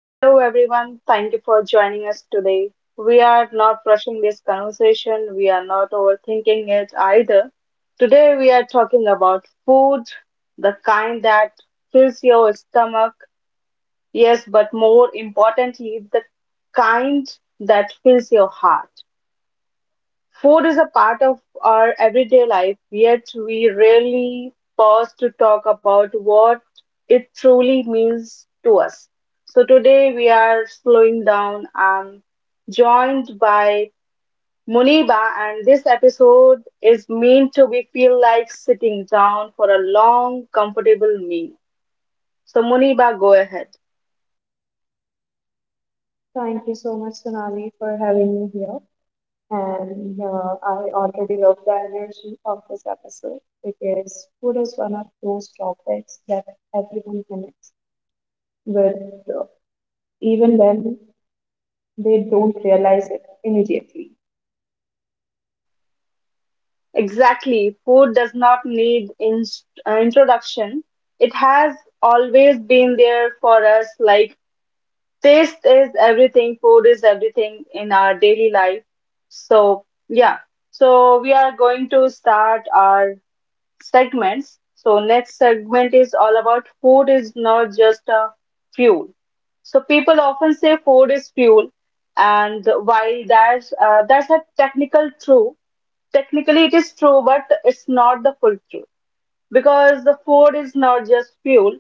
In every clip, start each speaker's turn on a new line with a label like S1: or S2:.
S1: Hello, everyone. Thank you for joining us today. We are not rushing this conversation, we are not overthinking it either. Today, we are talking about food, the kind that fills your stomach, yes, but more importantly, the kind that fills your heart. Food is a part of our everyday life, yet we rarely pause to talk about what it truly means to us. So today we are slowing down. I'm joined by Muniba, and this episode is meant to be feel like sitting down for a long, comfortable meal. So Muniba, go ahead.
S2: Thank you so much, Sonali, for having me here. And I already love the energy of this episode because food is one of those topics that everyone connects with, uh, even when they don't realize it immediately.
S1: Exactly. Food does not need introduction. It has always been there for us. Like, taste is everything, food is everything in our daily life. So, yeah. So, we are going to start our segments. So next segment is all about food is not just a fuel. So people often say food is fuel, and while that's a technical true, technically it is true, but it's not the full truth because the food is not just fuel.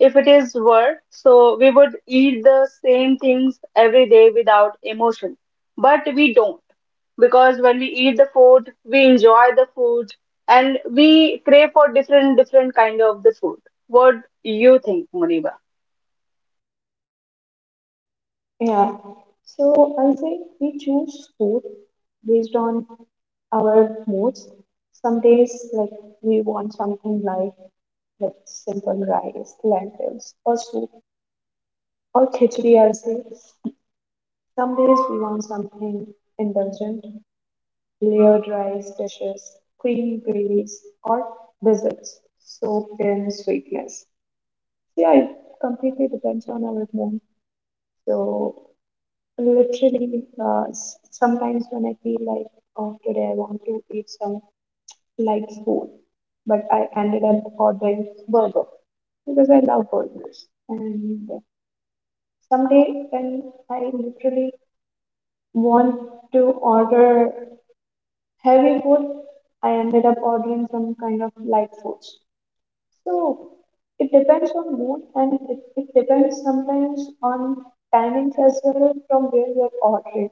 S1: If it is work, so we would eat the same things every day without emotion. But we don't, because when we eat the food, we enjoy the food and we crave for different kind of the food. What you think, Muniba?
S2: Yeah. So I'll say we choose food based on our moods. Some days, we want something like simple rice, lentils, or soup, or khichdi, I'll say. Some days we want something indulgent, layered rice dishes, creamy gravies, or desserts soaked in sweetness. Yeah, it completely depends on our mood. So, literally, sometimes when I feel like, oh, today I want to eat some light food, but I ended up ordering burger because I love burgers. And someday when I literally want to order heavy food, I ended up ordering some kind of light foods. So it depends on mood and it depends sometimes on timings as well from where you're ordering.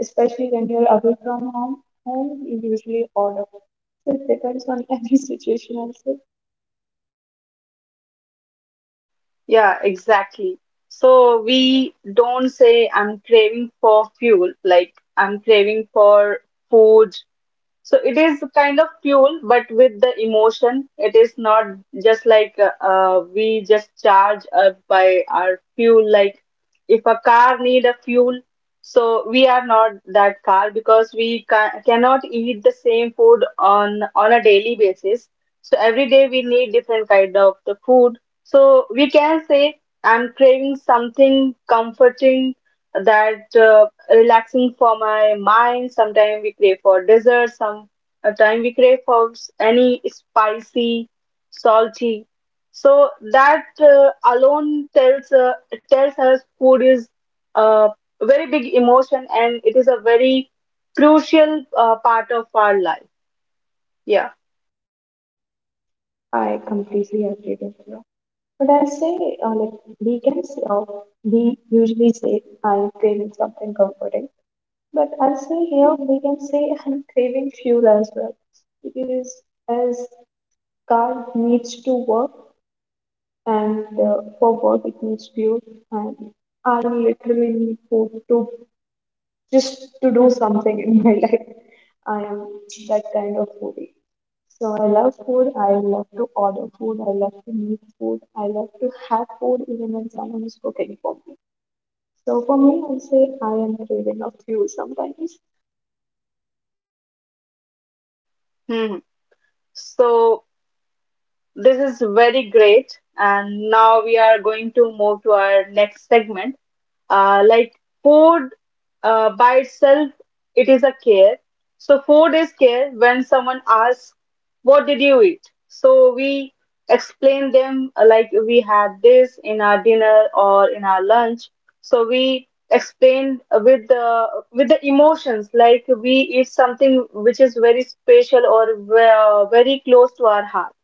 S2: Especially when you're away from home, home you usually order. So it depends on every situation also.
S1: Yeah, exactly. So we don't say I'm craving for fuel, like I'm craving for food. So it is kind of fuel, but with the emotion, it is not just like we just charge up by our fuel. Like if a car need a fuel, so we are not that car because we ca cannot eat the same food on a daily basis. So every day we need different kind of the food. So we can say I'm craving something comforting, that relaxing for my mind. Sometimes we crave for dessert. Sometimes we crave for any spicy, salty. So that alone tells us food is a very big emotion and it is a very crucial part of our life. Yeah.
S2: I completely agree with you. But I say like weekends we usually say I'm craving something comforting. But I say here we can say I'm craving fuel as well because as car needs to work and for work it needs fuel, and I literally need food to just to do something in my life. I am that kind of foodie. So I love food. I love to order food. I love to make food. I love to have food even when someone is cooking for me. So for me, I say I am craving a fuel sometimes.
S1: Hmm. So this is very great. And now we are going to move to our next segment. Like, food, by itself, it is a care. So food is care when someone asks, "What did you eat?" So we explain them, like we had this in our dinner or in our lunch. So we explain with the emotions, like we eat something which is very special or very close to our heart.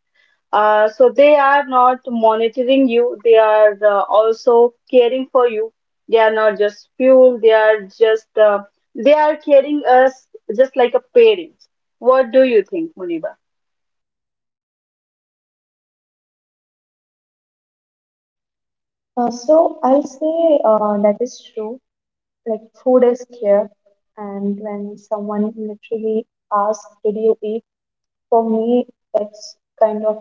S1: So they are not monitoring you. They are also caring for you. They are not just fuel. They are caring us, just like a parent. What do you think, Muniba?
S2: So I'll say that is true. Like food is here, and when someone literally asks, "Did you eat?" For me, that's kind of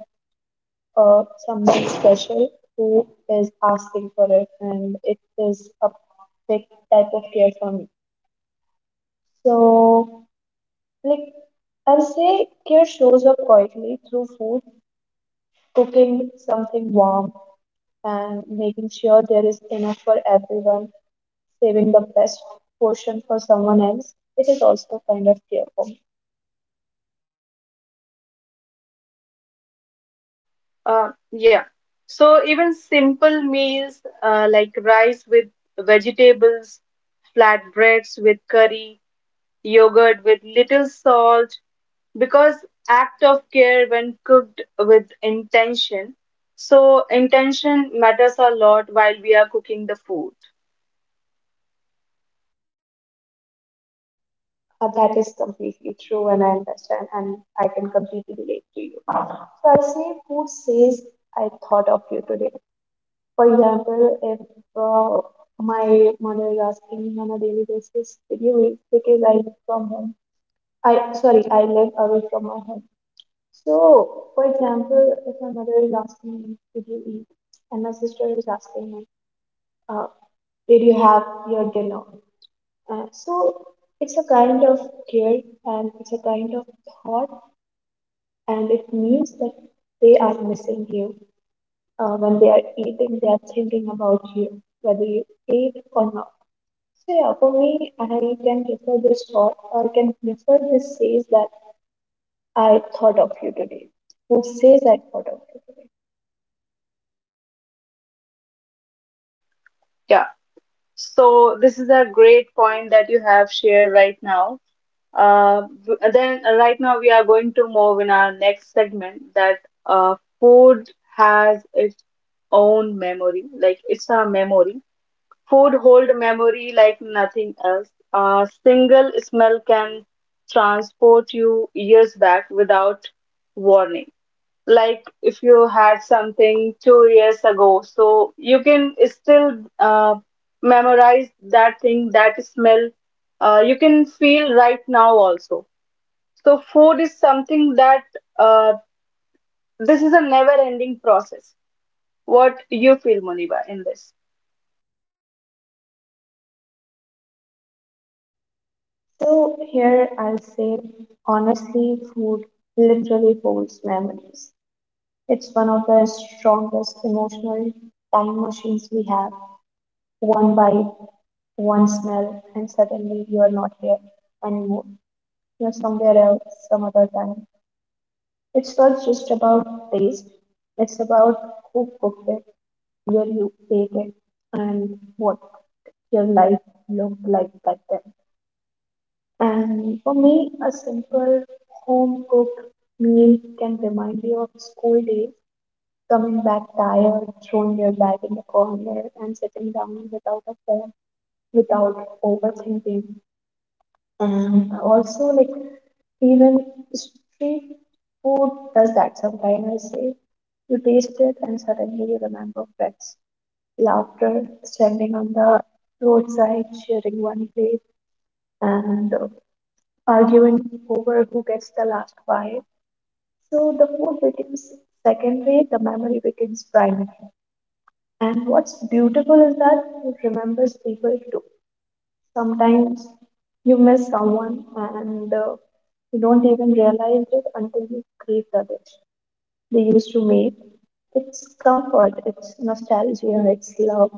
S2: someone special who is asking for it, and it is a big type of care for me. So, like I'll say, care shows up quietly through food, cooking something warm, and making sure there is enough for everyone saving the best portion for someone else, it is also kind of fearful.
S1: Yeah. So even simple meals, like rice with vegetables, flatbreads with curry, yogurt with little salt, because act of care when cooked with intention. So intention matters a lot while we are cooking the food.
S2: That is completely true, and I understand, and I can completely relate to you. So I say, who says I thought of you today? For example, if uh, my mother is asking me on a daily basis, "Did you eat?" Because I live from home. I sorry, I live away from my home. So, for example, if my mother is asking me, "Did you eat?" and my sister is asking me, uh, did you have your dinner? So it's a kind of care and it's a kind of thought, and it means that they are missing you. When they are eating, they are thinking about you, whether you ate or not. So yeah, for me, I can prefer this thought, or I can prefer this says that I thought of you today. Who says I thought of you today?
S1: Yeah, so this is a great point that you have shared right now we are going to move in our next segment that, food has its own memory, like it's a memory. Food hold memory like nothing else. A single smell can transport you years back without warning. Like if you had something 2 years ago, so you can still uh, memorize that thing, that smell. You can feel right now also. So food is something that uh, this is a never-ending process. What you feel, Muniba, in this?
S2: So here I'll say honestly, food literally holds memories. It's one of the strongest emotional time machines we have. One bite, one smell, and suddenly you are not here anymore. You're somewhere else, some other time. It's not just about taste, it's about who cooked it, where you ate it, and what your life looked like back then. And for me, a simple home cooked meal can remind me of school days coming back tired, throwing their bag in the corner, and sitting down without a phone, without overthinking. And also, like, even street food does that sometimes, I say. You taste it, and suddenly you remember friends, laughter, standing on the roadside, sharing one plate, and arguing over who gets the last bite. So the food becomes secondary, the memory becomes primary. And what's beautiful is that it remembers people too. Sometimes you miss someone and you don't even realize it until you crave the dish they used to make. It's comfort, it's nostalgia, it's love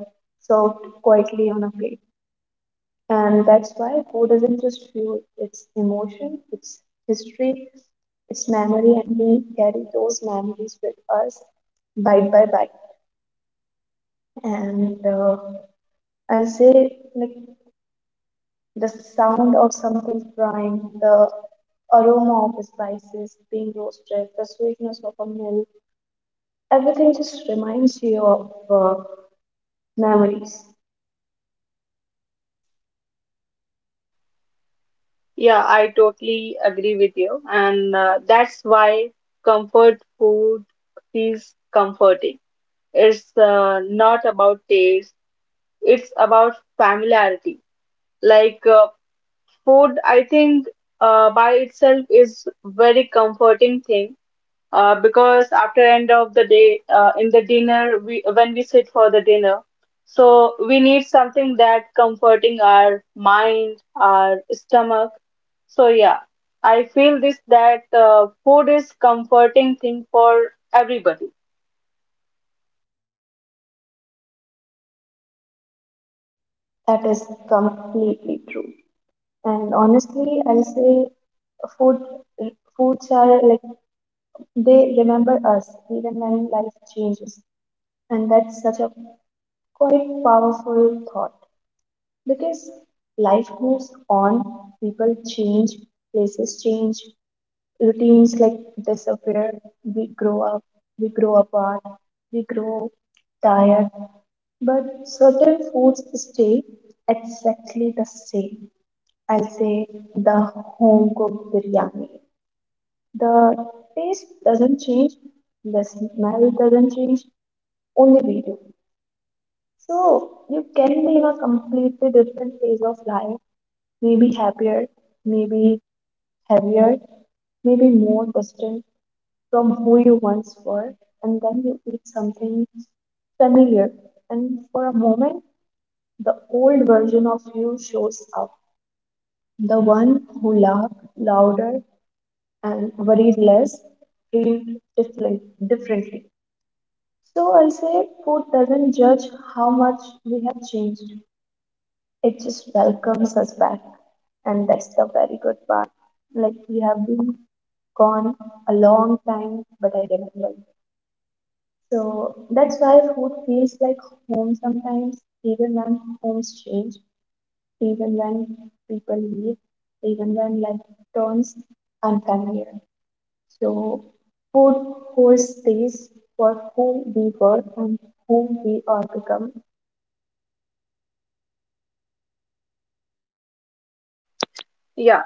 S2: served quietly on a plate. And that's why food isn't just fuel, it's emotion, it's history, it's memory, and we carry those memories with us bite by bite. And I'll say, like, the sound of something frying, the aroma of spices being roasted, the sweetness of a meal, everything just reminds you of memories.
S1: Yeah, I totally agree with you, and that's why comfort food is comforting. It's not about taste, it's about familiarity. Like, food, I think, by itself is very comforting thing, because after end of the day, in the dinner we when we sit for the dinner, so we need something that comforting our mind, our stomach. So yeah, I feel this that, food is comforting thing for everybody.
S2: That is completely true. And honestly, I'll say food foods are like they remember us even when life changes, and that's such a quite powerful thought because life moves on, people change, places change, routines like disappear, we grow up, we grow apart, we grow tired, but certain foods stay exactly the same. I'll say the home cooked biryani, the taste doesn't change, the smell doesn't change, only we do. So you can be in a completely different phase of life, maybe happier, maybe heavier, maybe more distant from who you once were, and then you eat something familiar, and for a moment, the old version of you shows up. The one who laughed louder and worried less, dreamed differently. So I say food doesn't judge how much we have changed. It just welcomes us back. And that's the very good part. Like we have been gone a long time, but I remember. So that's why food feels like home sometimes, even when homes change, even when people leave, even when life turns unfamiliar. So food holds space for who we were and who we are become.
S1: Yeah,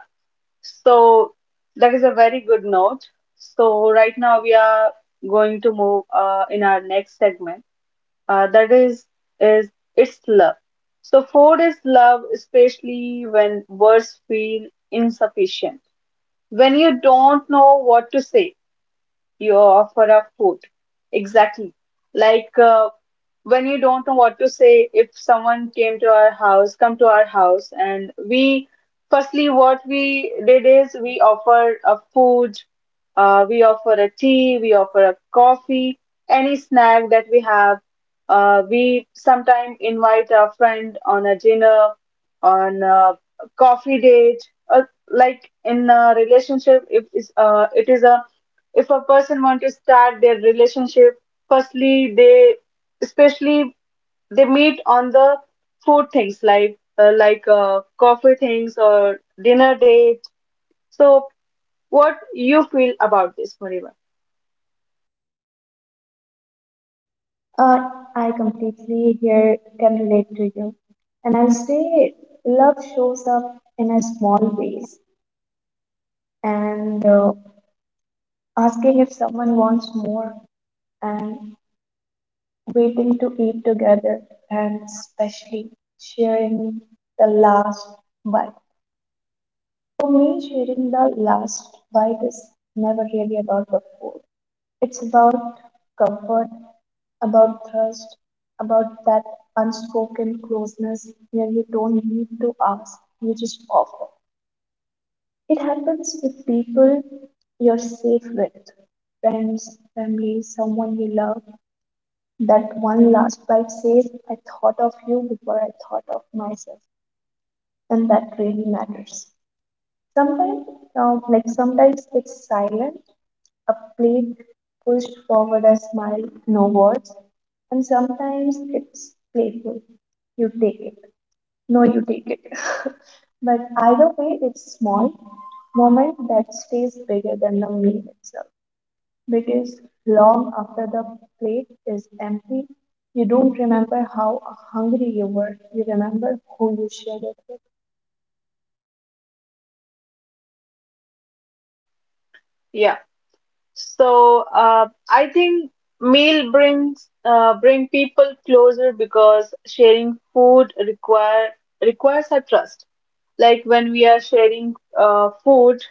S1: so that is a very good note. So right now we are going to move, in our next segment, that is it's love. So food is love, especially when words feel insufficient. When you don't know what to say, you offer a food. Exactly. Like, when you don't know what to say, if someone came to our house, and we firstly, what we did is we offer a food. We offer a tea, we offer a coffee, any snack that we have. We sometimes invite a friend on a dinner, on a coffee date. Like, in a relationship. If it is it is a if a person want to start their relationship, firstly especially they meet on the food things, like, coffee things or dinner date. So what you feel about this, Mariva?
S2: Uh, I completely here can relate to you. And I'll say love shows up in a small ways and asking if someone wants more and waiting to eat together and especially sharing the last bite. For me, sharing the last bite is never really about the food. It's about comfort, about thirst, about that unspoken closeness where you don't need to ask, you just offer. It happens with people you're safe with, friends, family, someone you love. That one last bite says, I thought of you before I thought of myself, and that really matters. Sometimes, Sometimes it's silent, a plate pushed forward, a smile, no words, and sometimes it's playful. You take it. No, you take it. But either way, it's small moment that stays bigger than the meal itself because long after the plate is empty, you don't remember how hungry you were, you remember who you shared it with.
S1: Yeah. So I think meal bring people closer because sharing food requires a trust. Like when we are sharing food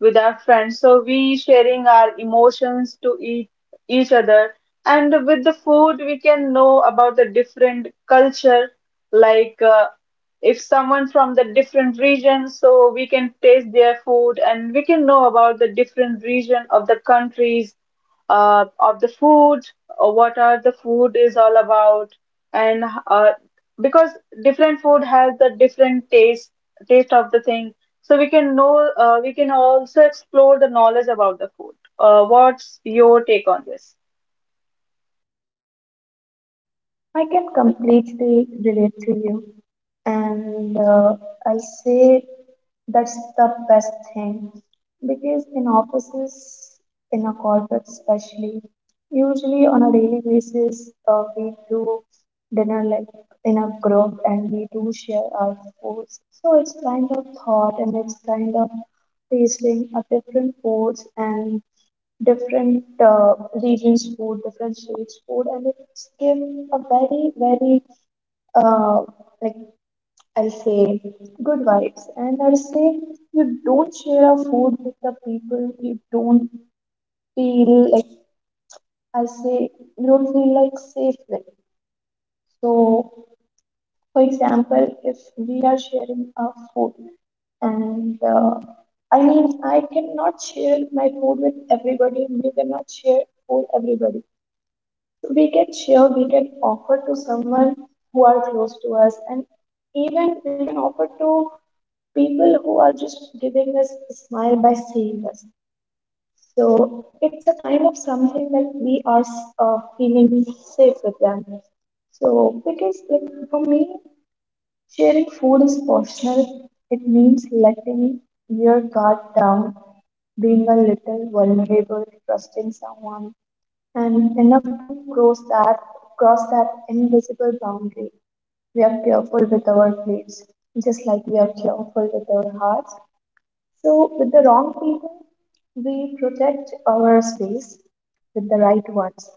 S1: with our friends, so we sharing our emotions to each other. And with the food we can know about the different culture. Like, if someone from the different region, so we can taste their food and we can know about the different region of the countries, of the food, what are the food is all about, and because different food has the different taste of the thing. So we can also explore the knowledge about the food. What's your take on this?
S2: I can completely relate to you, and I'll say that's the best thing because in offices, in a corporate especially, usually on a daily basis, we do dinner like in a group and we do share our foods. So it's kind of thought and it's kind of tasting a different foods and different regions' food, different states' food, and it's give a very, very, uh, like I'll say, good vibes. And I'll say, you don't share a food with the people you don't feel like, I'll say, you don't feel like safe with. So, for example, if we are sharing our food, and I mean, I cannot share my food with everybody, and we cannot share food everybody. We can share, we can offer to someone who are close to us, and even we can offer to people who are just giving us a smile by seeing us. So it's a kind of something that we are feeling safe with them. So because like for me, sharing food is personal. It means letting your guard down, being a little vulnerable, trusting someone and enough to cross that cross that invisible boundary. We are careful with our plates, just like we are careful with our hearts. So with the wrong people, we protect our space with the right ones.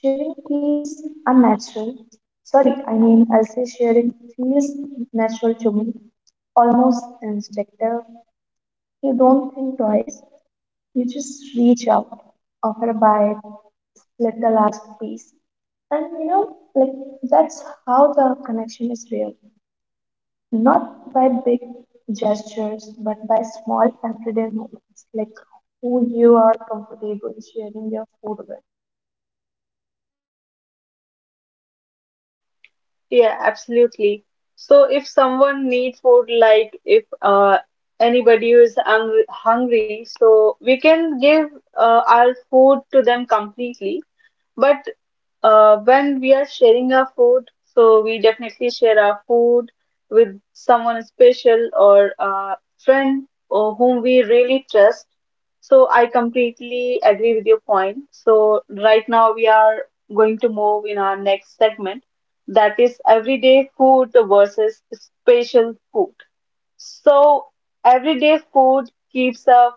S2: Sharing feels unnatural. Sorry, I mean I'll say sharing feels natural to me, almost instinctive. You don't think twice. You just reach out, offer a bite, split the last piece. And you know, like that's how the connection is real. Not by big gestures, but by small everyday moments, like who you are comfortable sharing your food with.
S1: Yeah, absolutely. So if someone needs food, like if anybody is hungry, so we can give our food to them completely. But when we are sharing our food, so we definitely share our food with someone special or a friend or whom we really trust. So I completely agree with your point. So right now we are going to move in our next segment, that is everyday food versus special food. So everyday food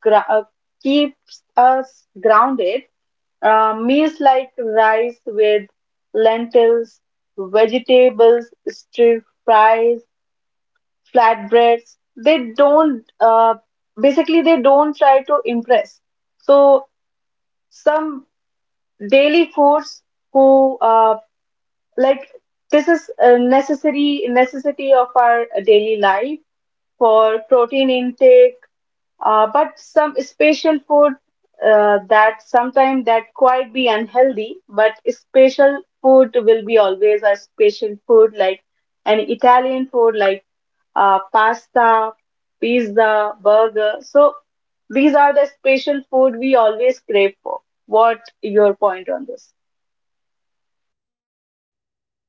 S1: gra- uh, keeps us grounded. Meals like rice with lentils, vegetables, stir fries, flatbreads. They don't try to impress. So some daily foods who, like, this is a necessary necessity of our daily life for protein intake. But some special food, that sometimes that quite be unhealthy, but special food will be always a special food, like an Italian food, like, pasta, pizza, burger. So these are the special food we always crave for. What your point on this?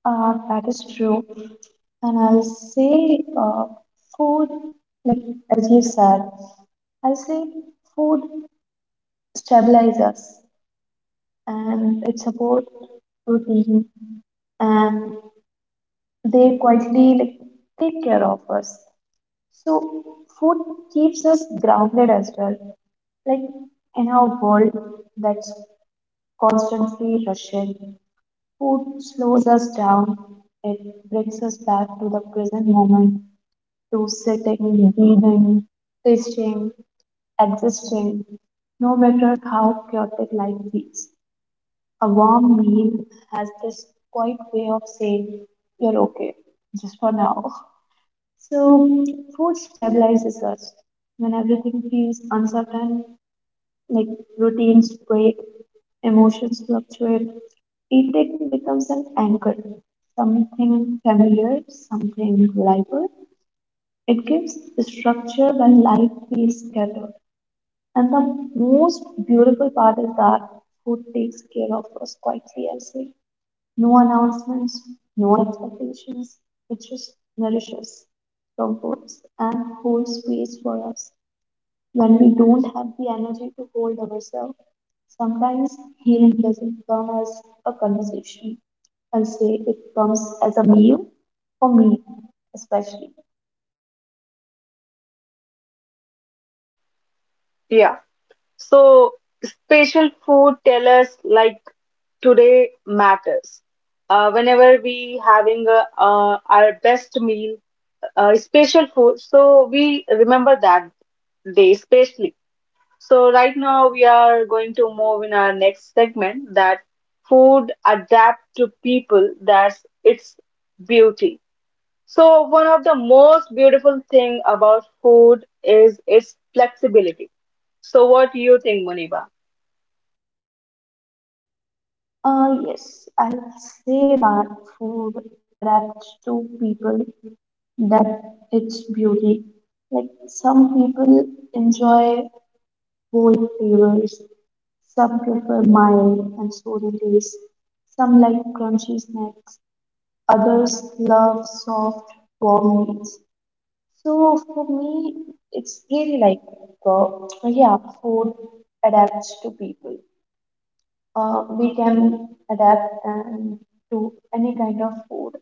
S2: That is true. And I'll say food, like as you said, I'll say food stabilizes and it supports routine and they quietly like take care of us. So food keeps us grounded as well. Like in our world that's constantly rushing, food slows us down. It brings us back to the present moment, to sitting, breathing, tasting, existing. No matter how chaotic life is, a warm meal has this quiet way of saying you're okay just for now. So, food stabilizes us when everything feels uncertain, like routines break, emotions fluctuate. Eating becomes an anchor, something familiar, something reliable. It gives structure when life feels scattered. And the most beautiful part is that food takes care of us quietly, I say. No announcements, no expectations. It just nourishes, comforts, and holds space for us when we don't have the energy to hold ourselves. Sometimes healing doesn't come as a conversation. I'll say it comes as a meal for me, especially.
S1: Yeah. So spatial food tell us like today matters. Whenever we having our best meal, spatial food, so we remember that day spatially. So right now we are going to move in our next segment, that food adapt to people. That's its beauty. So one of the most beautiful thing about food is its flexibility. So what do you think, Muniba?
S2: Yes, I say that food adapts to people, that its beauty. Like some people enjoy bold flavors. Some prefer mild and sooty taste. Some like crunchy snacks. Others love soft, warm meals. So for me, it's really like, uh, yeah, food adapts to people. We can adapt and to any kind of food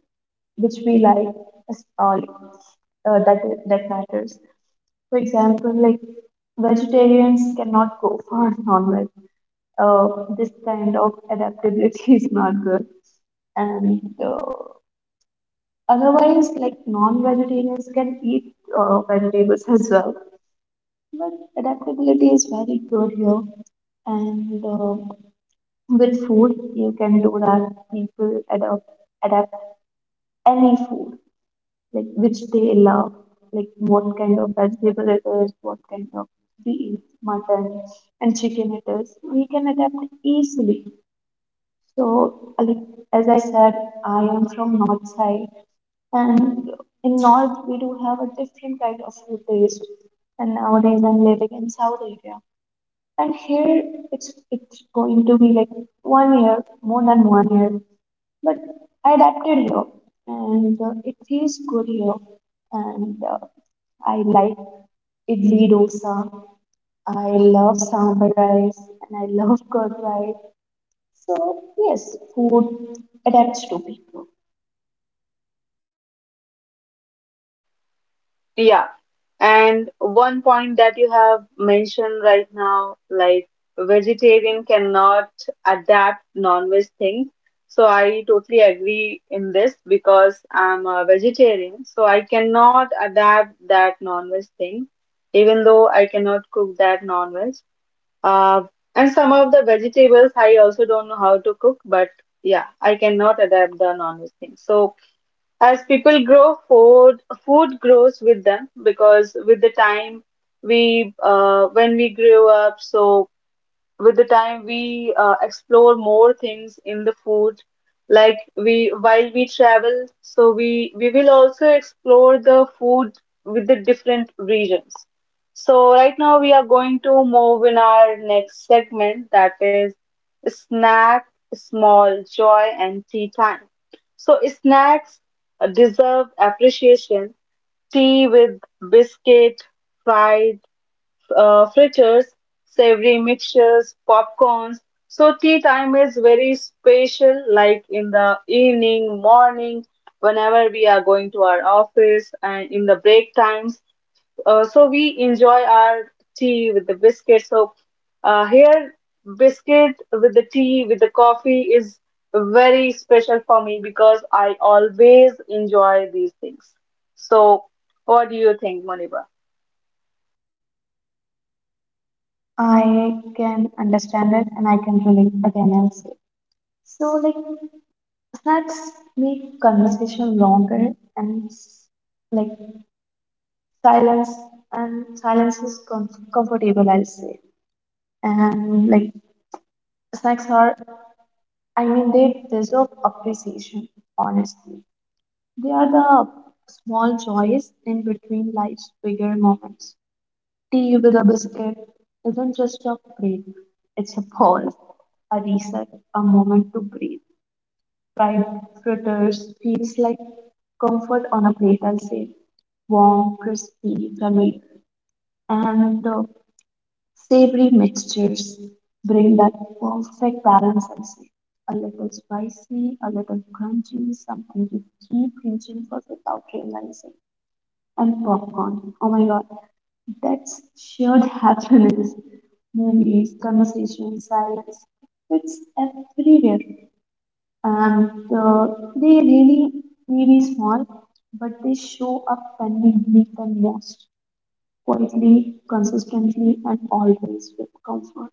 S2: which we like is all uh, that that matters. For example, like vegetarians cannot go for non-veg, uh, this kind of adaptability is not good. And otherwise, like non vegetarians can eat vegetables as well. But adaptability is very good here. And with food, you can do that. People adapt any food, like which they love, like what kind of vegetable it is, what kind of we eat, mutton and chicken it is. We can adapt easily. So, as I said, I am from North side, and in North we do have a different kind of food taste. And nowadays I'm living in South Asia, and here it's going to be like 1 year, more than 1 year. But I adapted here, and it feels good here. And I like idli dosa. I love sambar rice, and I love curd rice. So yes, food adapts to people.
S1: Yeah. And one point that you have mentioned right now, like vegetarian cannot adapt non-veg things. So I totally agree in this because I'm a vegetarian, so I cannot adapt that non-veg thing, even though I cannot cook that non-veg. Uh, and some of the vegetables I also don't know how to cook, but yeah, I cannot adapt the non-veg thing. So as people grow, food grows with them, because with the time we when we grew up, so with the time we, explore more things in the food. Like, we while we travel, so we will also explore the food with the different regions. So right now we are going to move in our next segment, that is snack, small joy and tea time. So snacks deserve appreciation. Tea with biscuit, fried, fritters, savory mixtures, popcorns. So tea time is very special, like in the evening, morning, whenever we are going to our office and in the break times. So we enjoy our tea with the biscuit. So here, biscuit with the tea, with the coffee is very special for me because I always enjoy these things. So what do you think, Moniba?
S2: I can understand it and I can relate again and say. So like snacks make conversation longer and like silence, and silence is comfortable, I'll say. And like snacks are, I mean, they deserve appreciation, honestly. They are the small joys in between life's bigger moments. Tea with a biscuit isn't just a break, it's a pause, a reset, a moment to breathe. Fried fritters feels like comfort on a plate, I'll say. Warm, crispy, curry, and savory mixtures bring that perfect balance, I'll say. A little spicy, a little crunchy, something you keep reaching for without realizing. And popcorn. Oh my god, that's shared happiness. Movies, conversations, silence. It's everywhere. And they really may be small, but they show up when we need them most. Quietly, consistently, and always with comfort.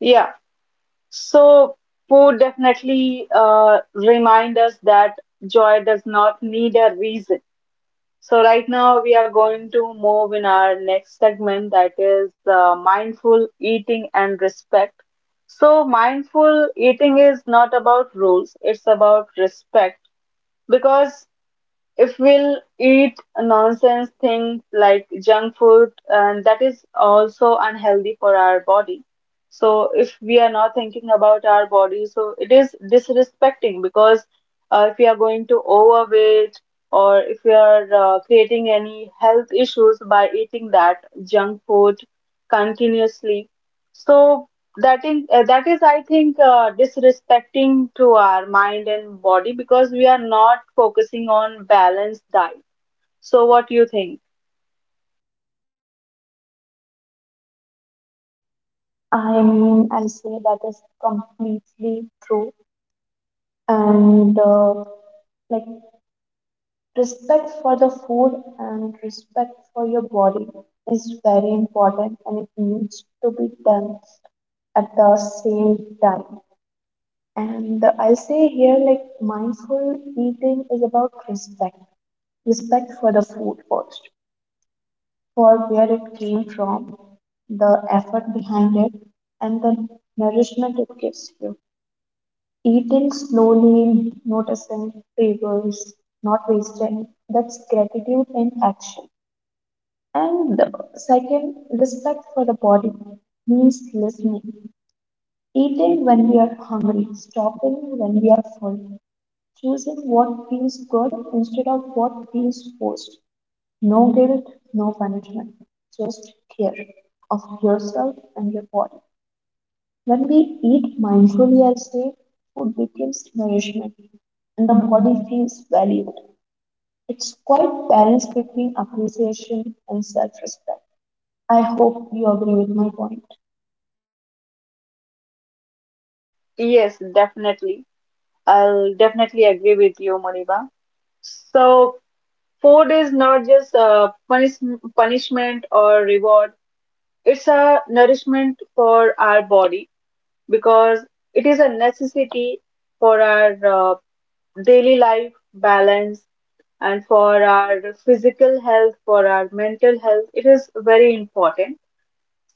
S1: Yeah. So, food definitely remind us that joy does not need a reason. So, right now we are going to move in our next segment, that is, mindful eating and respect. So, mindful eating is not about rules, it's about respect, because if we'll eat nonsense things like junk food, and that is also unhealthy for our body. So if we are not thinking about our body, so it is disrespecting, because if we are going to overweight, or if we are, creating any health issues by eating that junk food continuously, so that is, I think, disrespecting to our mind and body, because we are not focusing on balanced diet. So what do you think?
S2: I mean, I'll say that is completely true. And like respect for the food and respect for your body is very important and it needs to be done at the same time. And I'll say here, like, mindful eating is about respect. Respect for the food first, for where it came from, the effort behind it, and the nourishment it gives you. Eating slowly, noticing flavors, not wasting, that's gratitude in action. And the second, respect for the body means listening, eating when we are hungry, stopping when we are full, choosing what feels good instead of what feels forced. No guilt, no punishment, just care of yourself and your body. When we eat mindfully, I'll say, food becomes nourishment and the body feels valued. It's quite balance between appreciation and self-respect. I hope you agree with my point.
S1: Yes, definitely. I'll definitely agree with you, Muniba. So food is not just a punishment or reward. It's a nourishment for our body, because it is a necessity for our, daily life balance, and for our physical health, for our mental health. It is very important.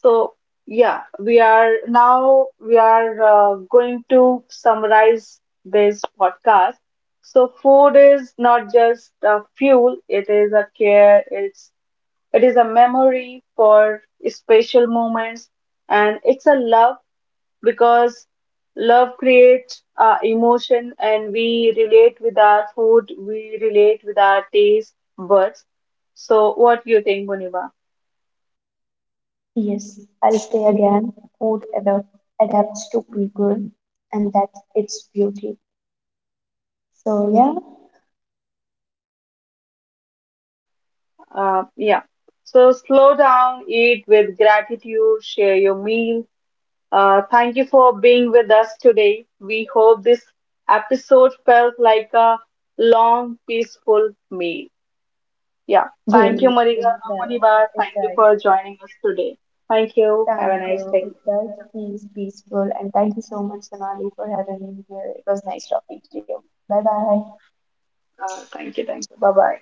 S1: So, yeah, we are going to summarize this podcast. So, food is not just a fuel, it is a care, it is a memory for special moments, and it's a love, because love creates, emotion, and we relate with our food, we relate with our taste buds. So, what do you think, Muniba?
S2: Yes, I'll say again, food adapts to people, and that's its beauty. So yeah,
S1: Yeah. So slow down, eat with gratitude, share your meal. Thank you for being with us today. We hope this episode felt like a long, peaceful meal. Yeah.
S2: yeah,
S1: Thank you,
S2: it
S1: Mariga
S2: does.
S1: Munibar.
S2: It
S1: Thank you
S2: does.
S1: for joining us today. Thank you. Have
S2: Thank
S1: a nice
S2: you.
S1: day.
S2: It does feel peaceful, and thank you so much, Sonali, for having me here. It was nice talking to you. Bye bye.
S1: Thank you. Thank you. Bye bye.